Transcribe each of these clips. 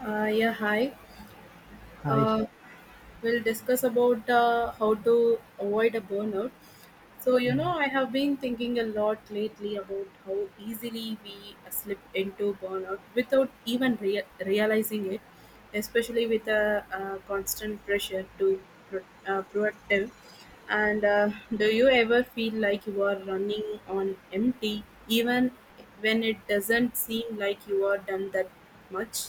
Yeah, hi. Hi. Uh, we'll discuss about how to avoid a burnout. So, you know, I have been thinking a lot lately about how easily we slip into burnout without even realizing it, especially with a, constant pressure to proactive. And do you ever feel like you are running on empty, even when it doesn't seem like you are done that much?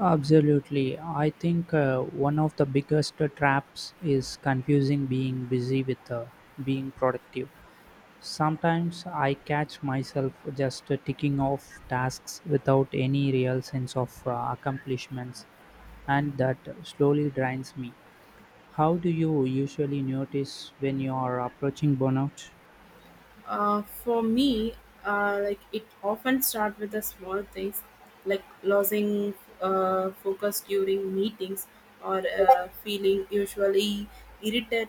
Absolutely. I think one of the biggest traps is confusing being busy with being productive. Sometimes I catch myself just ticking off tasks without any real sense of accomplishments, and that slowly drains me. How do you usually notice when you are approaching burnout? For me, like it often starts with the small things, like losing focus during meetings or feeling usually irritated,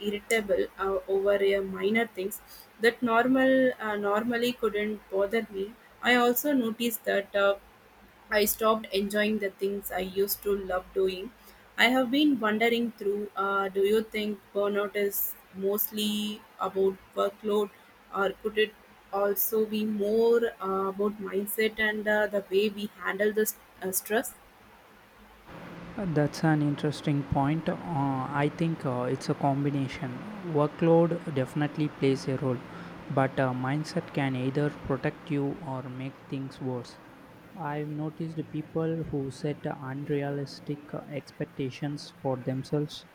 irritable over minor things that normally couldn't bother me. I also noticed that. I stopped enjoying the things I used to love doing. I have been wondering through do you think burnout is mostly about workload, or could it also be more about mindset and the way we handle the stress? That's an interesting point. I think it's a combination. Workload definitely plays a role, but mindset can either protect you or make things worse. I've noticed people who set unrealistic expectations for themselves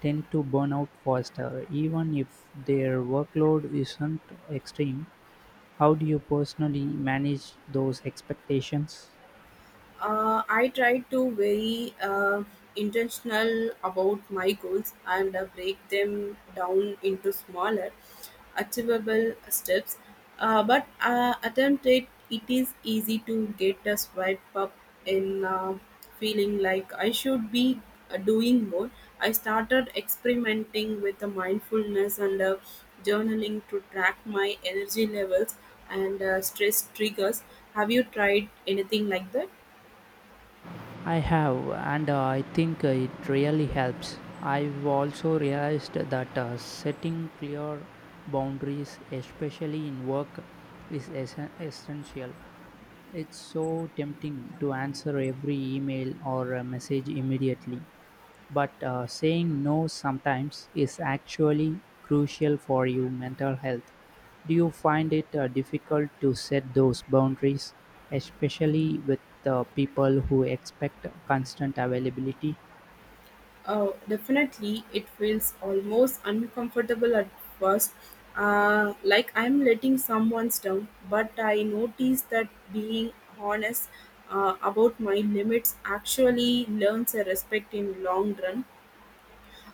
tend to burn out faster, even if their workload isn't extreme. How do you personally manage those expectations? I try to very intentional about my goals and break them down into smaller, achievable steps. But attempt it. It is easy to get a swipe up in feeling like I should be doing more. I started experimenting with the mindfulness and journaling to track my energy levels and stress triggers. Have you tried anything like that? I have, and I think it really helps. I've also realized that setting clear boundaries, especially in work, is essential. It's so tempting to answer every email or message immediately, but saying no sometimes is actually crucial for your mental health. Do you find it difficult to set those boundaries, especially with people who expect constant availability? Oh, definitely. It feels almost uncomfortable at first, like I'm letting someone down. But I notice that being honest about my limits actually learns a respect in long run.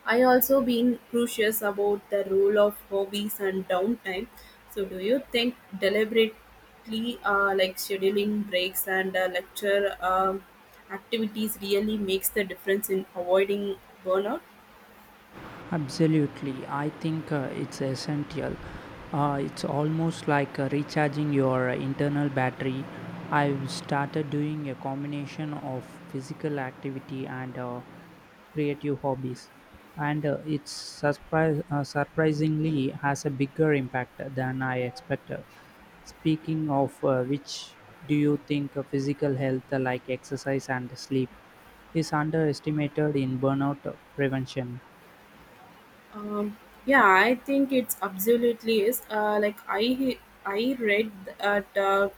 I also been curious about the role of hobbies and downtime. So, do you think deliberately, like scheduling breaks and lecture activities, really makes the difference in avoiding burnout? Absolutely, I think it's essential. It's almost like recharging your internal battery. I've started doing a combination of physical activity and creative hobbies, and surprisingly has a bigger impact than I expected. Speaking of which, do you think physical health, like exercise and sleep, is underestimated in burnout prevention? Um, yeah, I think it's absolutely is. Like I read that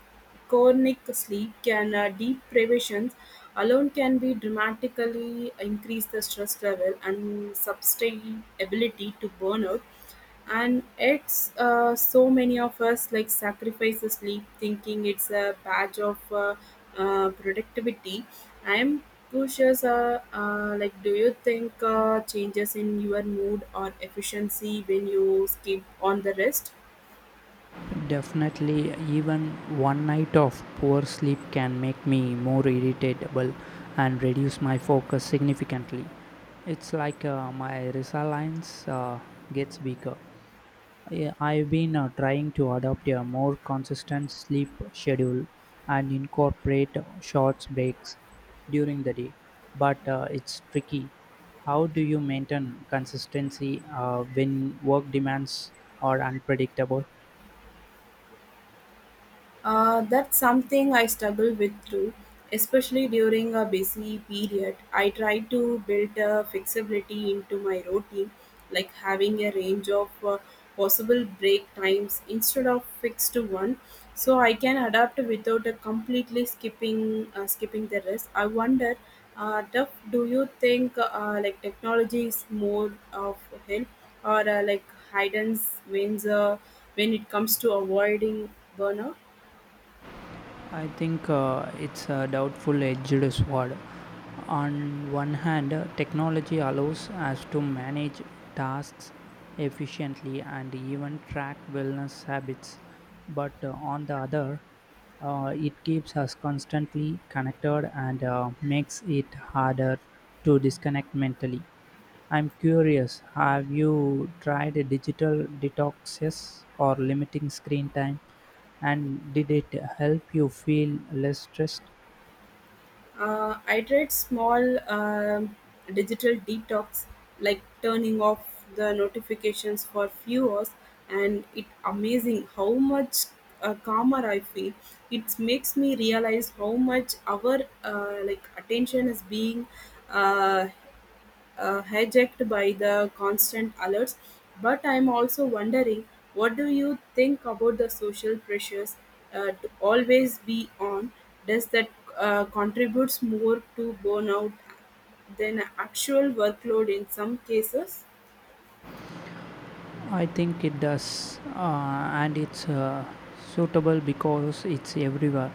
chronic sleep can deep privations alone can be dramatically increase the stress level and sustainability to burnout, and it's so many of us like sacrifice the sleep thinking it's a badge of productivity. I'm curious, like do you think changes in your mood or efficiency when you skip on the rest. Definitely, even one night of poor sleep can make me more irritable and reduce my focus significantly. It's like my resilience gets weaker. Yeah, I've been trying to adopt a more consistent sleep schedule and incorporate short breaks during the day, but it's tricky. How do you maintain consistency when work demands are unpredictable? That's something I struggle with too, especially during a busy period. I try to build a flexibility into my routine, like having a range of possible break times instead of fixed to one, so I can adapt without a completely skipping the rest. I wonder, Duff, do you think like technology is more of a help or like hidden wins when it comes to avoiding burnout? I think it's a doubtful edged sword. On one hand, technology allows us to manage tasks efficiently and even track wellness habits, but on the other, it keeps us constantly connected and makes it harder to disconnect mentally. I'm curious, have you tried a digital detoxes or limiting screen time? And did it help you feel less stressed? I tried small um digital detox, like turning off the notifications for few hours, and it amazing how much calmer I feel. It makes me realize how much our like attention is being uh, hijacked by the constant alerts. But I'm also wondering, what do you think about the social pressures to always be on? Does that contributes more to burnout than actual workload in some cases? I think it does, and it's suitable because it's everywhere.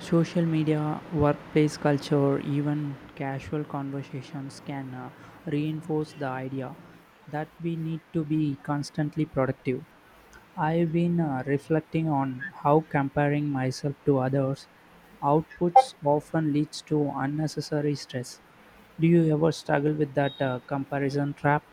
Social media, workplace culture, even casual conversations can reinforce the idea that we need to be constantly productive. I've been reflecting on how comparing myself to others' outputs often leads to unnecessary stress. Do you ever struggle with that comparison trap?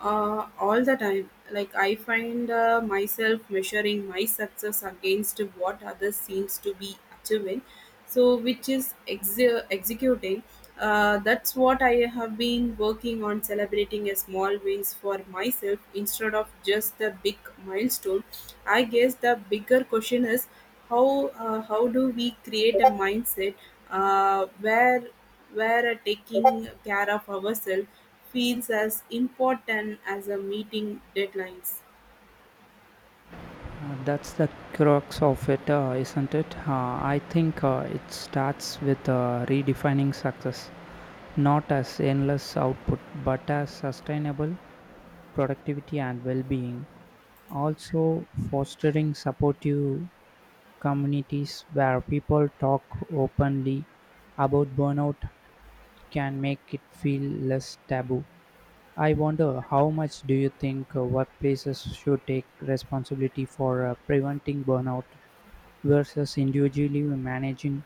All the time. Like I find myself measuring my success against what others seems to be achieving, so which is executing. That's what I have been working on celebrating a small wins for myself instead of just the big milestone. I guess the bigger question is how do we create a mindset uh, where where taking care of ourselves feels as important as a meeting deadlines. That's the crux of it, isn't it? I think it starts with redefining success, not as endless output, but as sustainable productivity and well being. Also, fostering supportive communities where people talk openly about burnout can make it feel less taboo. I wonder how much do you think workplaces should take responsibility for preventing burnout versus individually managing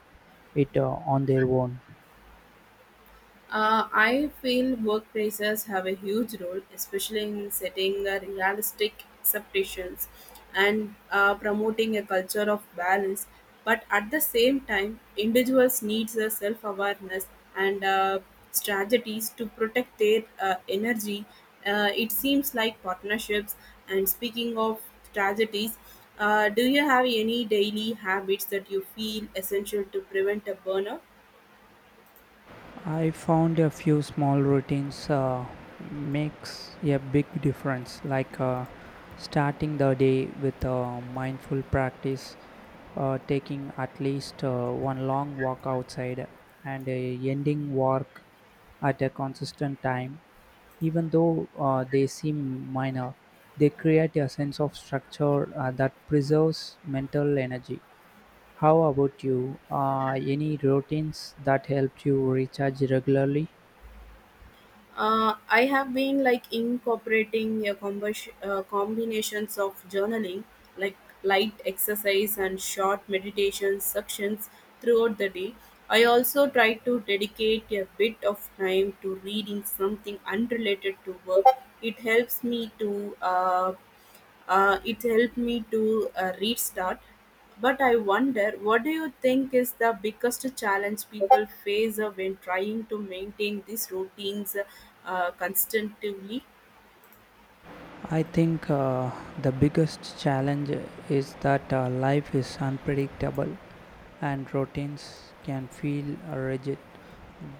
it on their own. I feel workplaces have a huge role, especially in setting realistic expectations and promoting a culture of balance. But at the same time, individuals need the self-awareness and strategies to protect their energy. It seems like partnerships. And speaking of strategies, do you have any daily habits that you feel essential to prevent a burnout? I found a few small routines makes a big difference, like starting the day with a mindful practice, taking at least one long walk outside, and a ending work at a consistent time. Even though they seem minor, they create a sense of structure that preserves mental energy. How about you? Any routines that help you recharge regularly? I have been like incorporating a combinations of journaling, like light exercise and short meditation sections throughout the day. I also try to dedicate a bit of time to reading something unrelated to work. It helps me to uh, it helped me to restart. But I wonder, what do you think is the biggest challenge people face when trying to maintain these routines constantly? I think the biggest challenge is that life is unpredictable and routines can feel rigid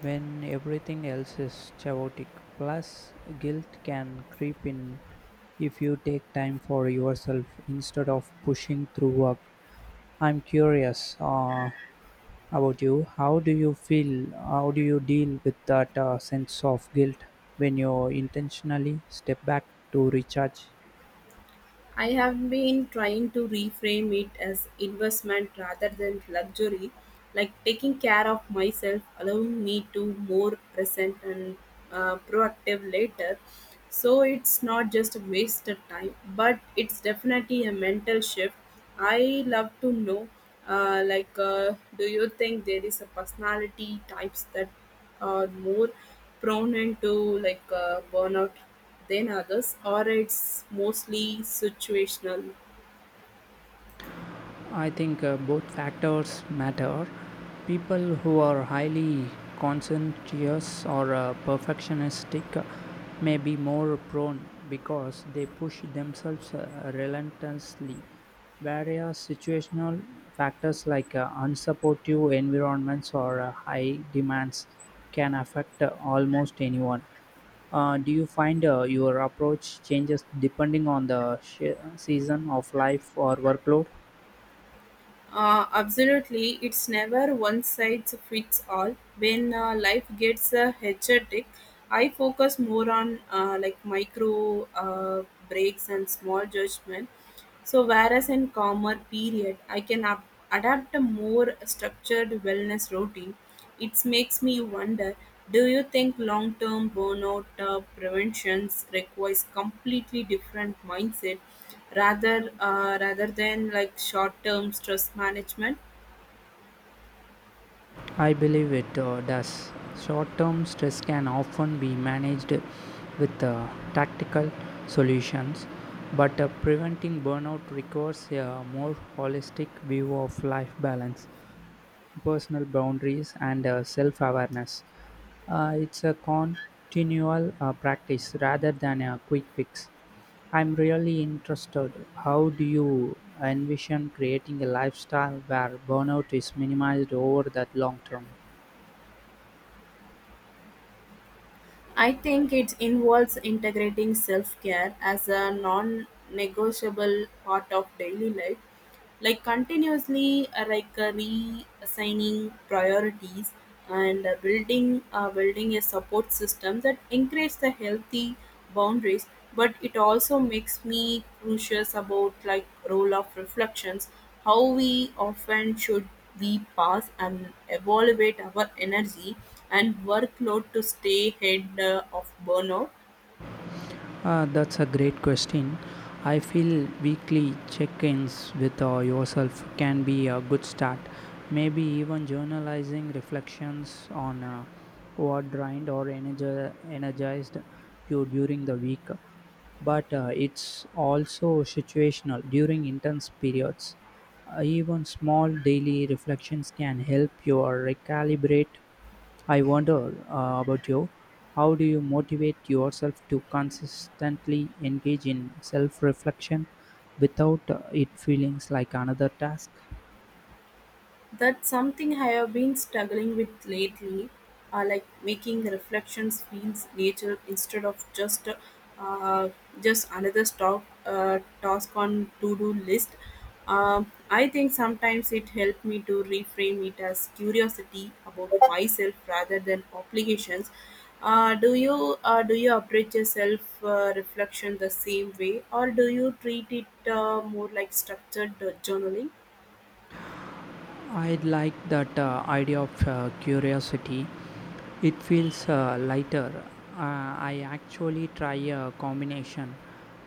when everything else is chaotic. Plus, guilt can creep in if you take time for yourself instead of pushing through work. I'm curious about you. How do you feel? How do you deal with that sense of guilt when you intentionally step back to recharge? I have been trying to reframe it as investment rather than luxury, like taking care of myself, allowing me to more present and proactive later. So it's not just a wasted time, but it's definitely a mental shift. I love to know, do you think there is a personality types that are more prone to like burnout than others, or it's mostly situational? I think both factors matter. People who are highly conscientious or perfectionistic may be more prone because they push themselves relentlessly. Various situational factors like unsupportive environments or high demands can affect almost anyone. Do you find your approach changes depending on the season of life or workload? Absolutely, it's never one size fits all. When life gets hectic, I focus more on like micro breaks and small judgment. So whereas in calmer period, I can adapt a more structured wellness routine. It makes me wonder: do you think long-term burnout preventions requires completely different mindset? Rather than like short-term stress management, I believe it does. Short term stress can often be managed with tactical solutions, but preventing burnout requires a more holistic view of life balance, personal boundaries, and self awareness. It's a continual practice rather than a quick fix. I'm really interested. How do you envision creating a lifestyle where burnout is minimized over that long term? I think it involves integrating self-care as a non-negotiable part of daily life, like continuously reassigning priorities and uh, building a support system that encourages the healthy boundaries. But it also makes me curious about like role of reflections, how we often should we pass and evaluate our energy and workload to stay ahead of burnout. That's a great question. I feel weekly check ins with yourself can be a good start. Maybe even journalizing reflections on what drained or energized you during the week. But it's also situational during intense periods. Even small daily reflections can help you recalibrate. I wonder about you. How do you motivate yourself to consistently engage in self reflection without it feeling like another task? That's something I have been struggling with lately, like making the reflections feel nature instead of uh, just another stock, task on to-do list. I think sometimes it helped me to reframe it as curiosity about myself rather than obligations. Do you approach your self reflection the same way, or do you treat it more like structured journaling? I like that idea of curiosity. It feels lighter. I actually try a combination.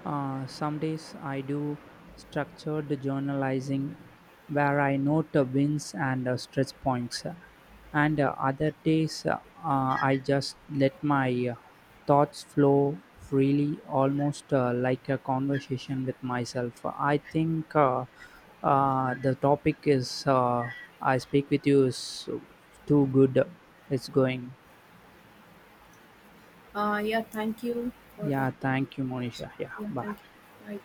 Some days I do structured journalizing where I note wins and stretch points. And other days, I just let my thoughts flow freely, almost like a conversation with myself. I think the topic is I speak with you is too good. It's going. Yeah, thank you for the. Yeah, thank you, Monisha. Yeah, Yeah, bye. thank you. Hi.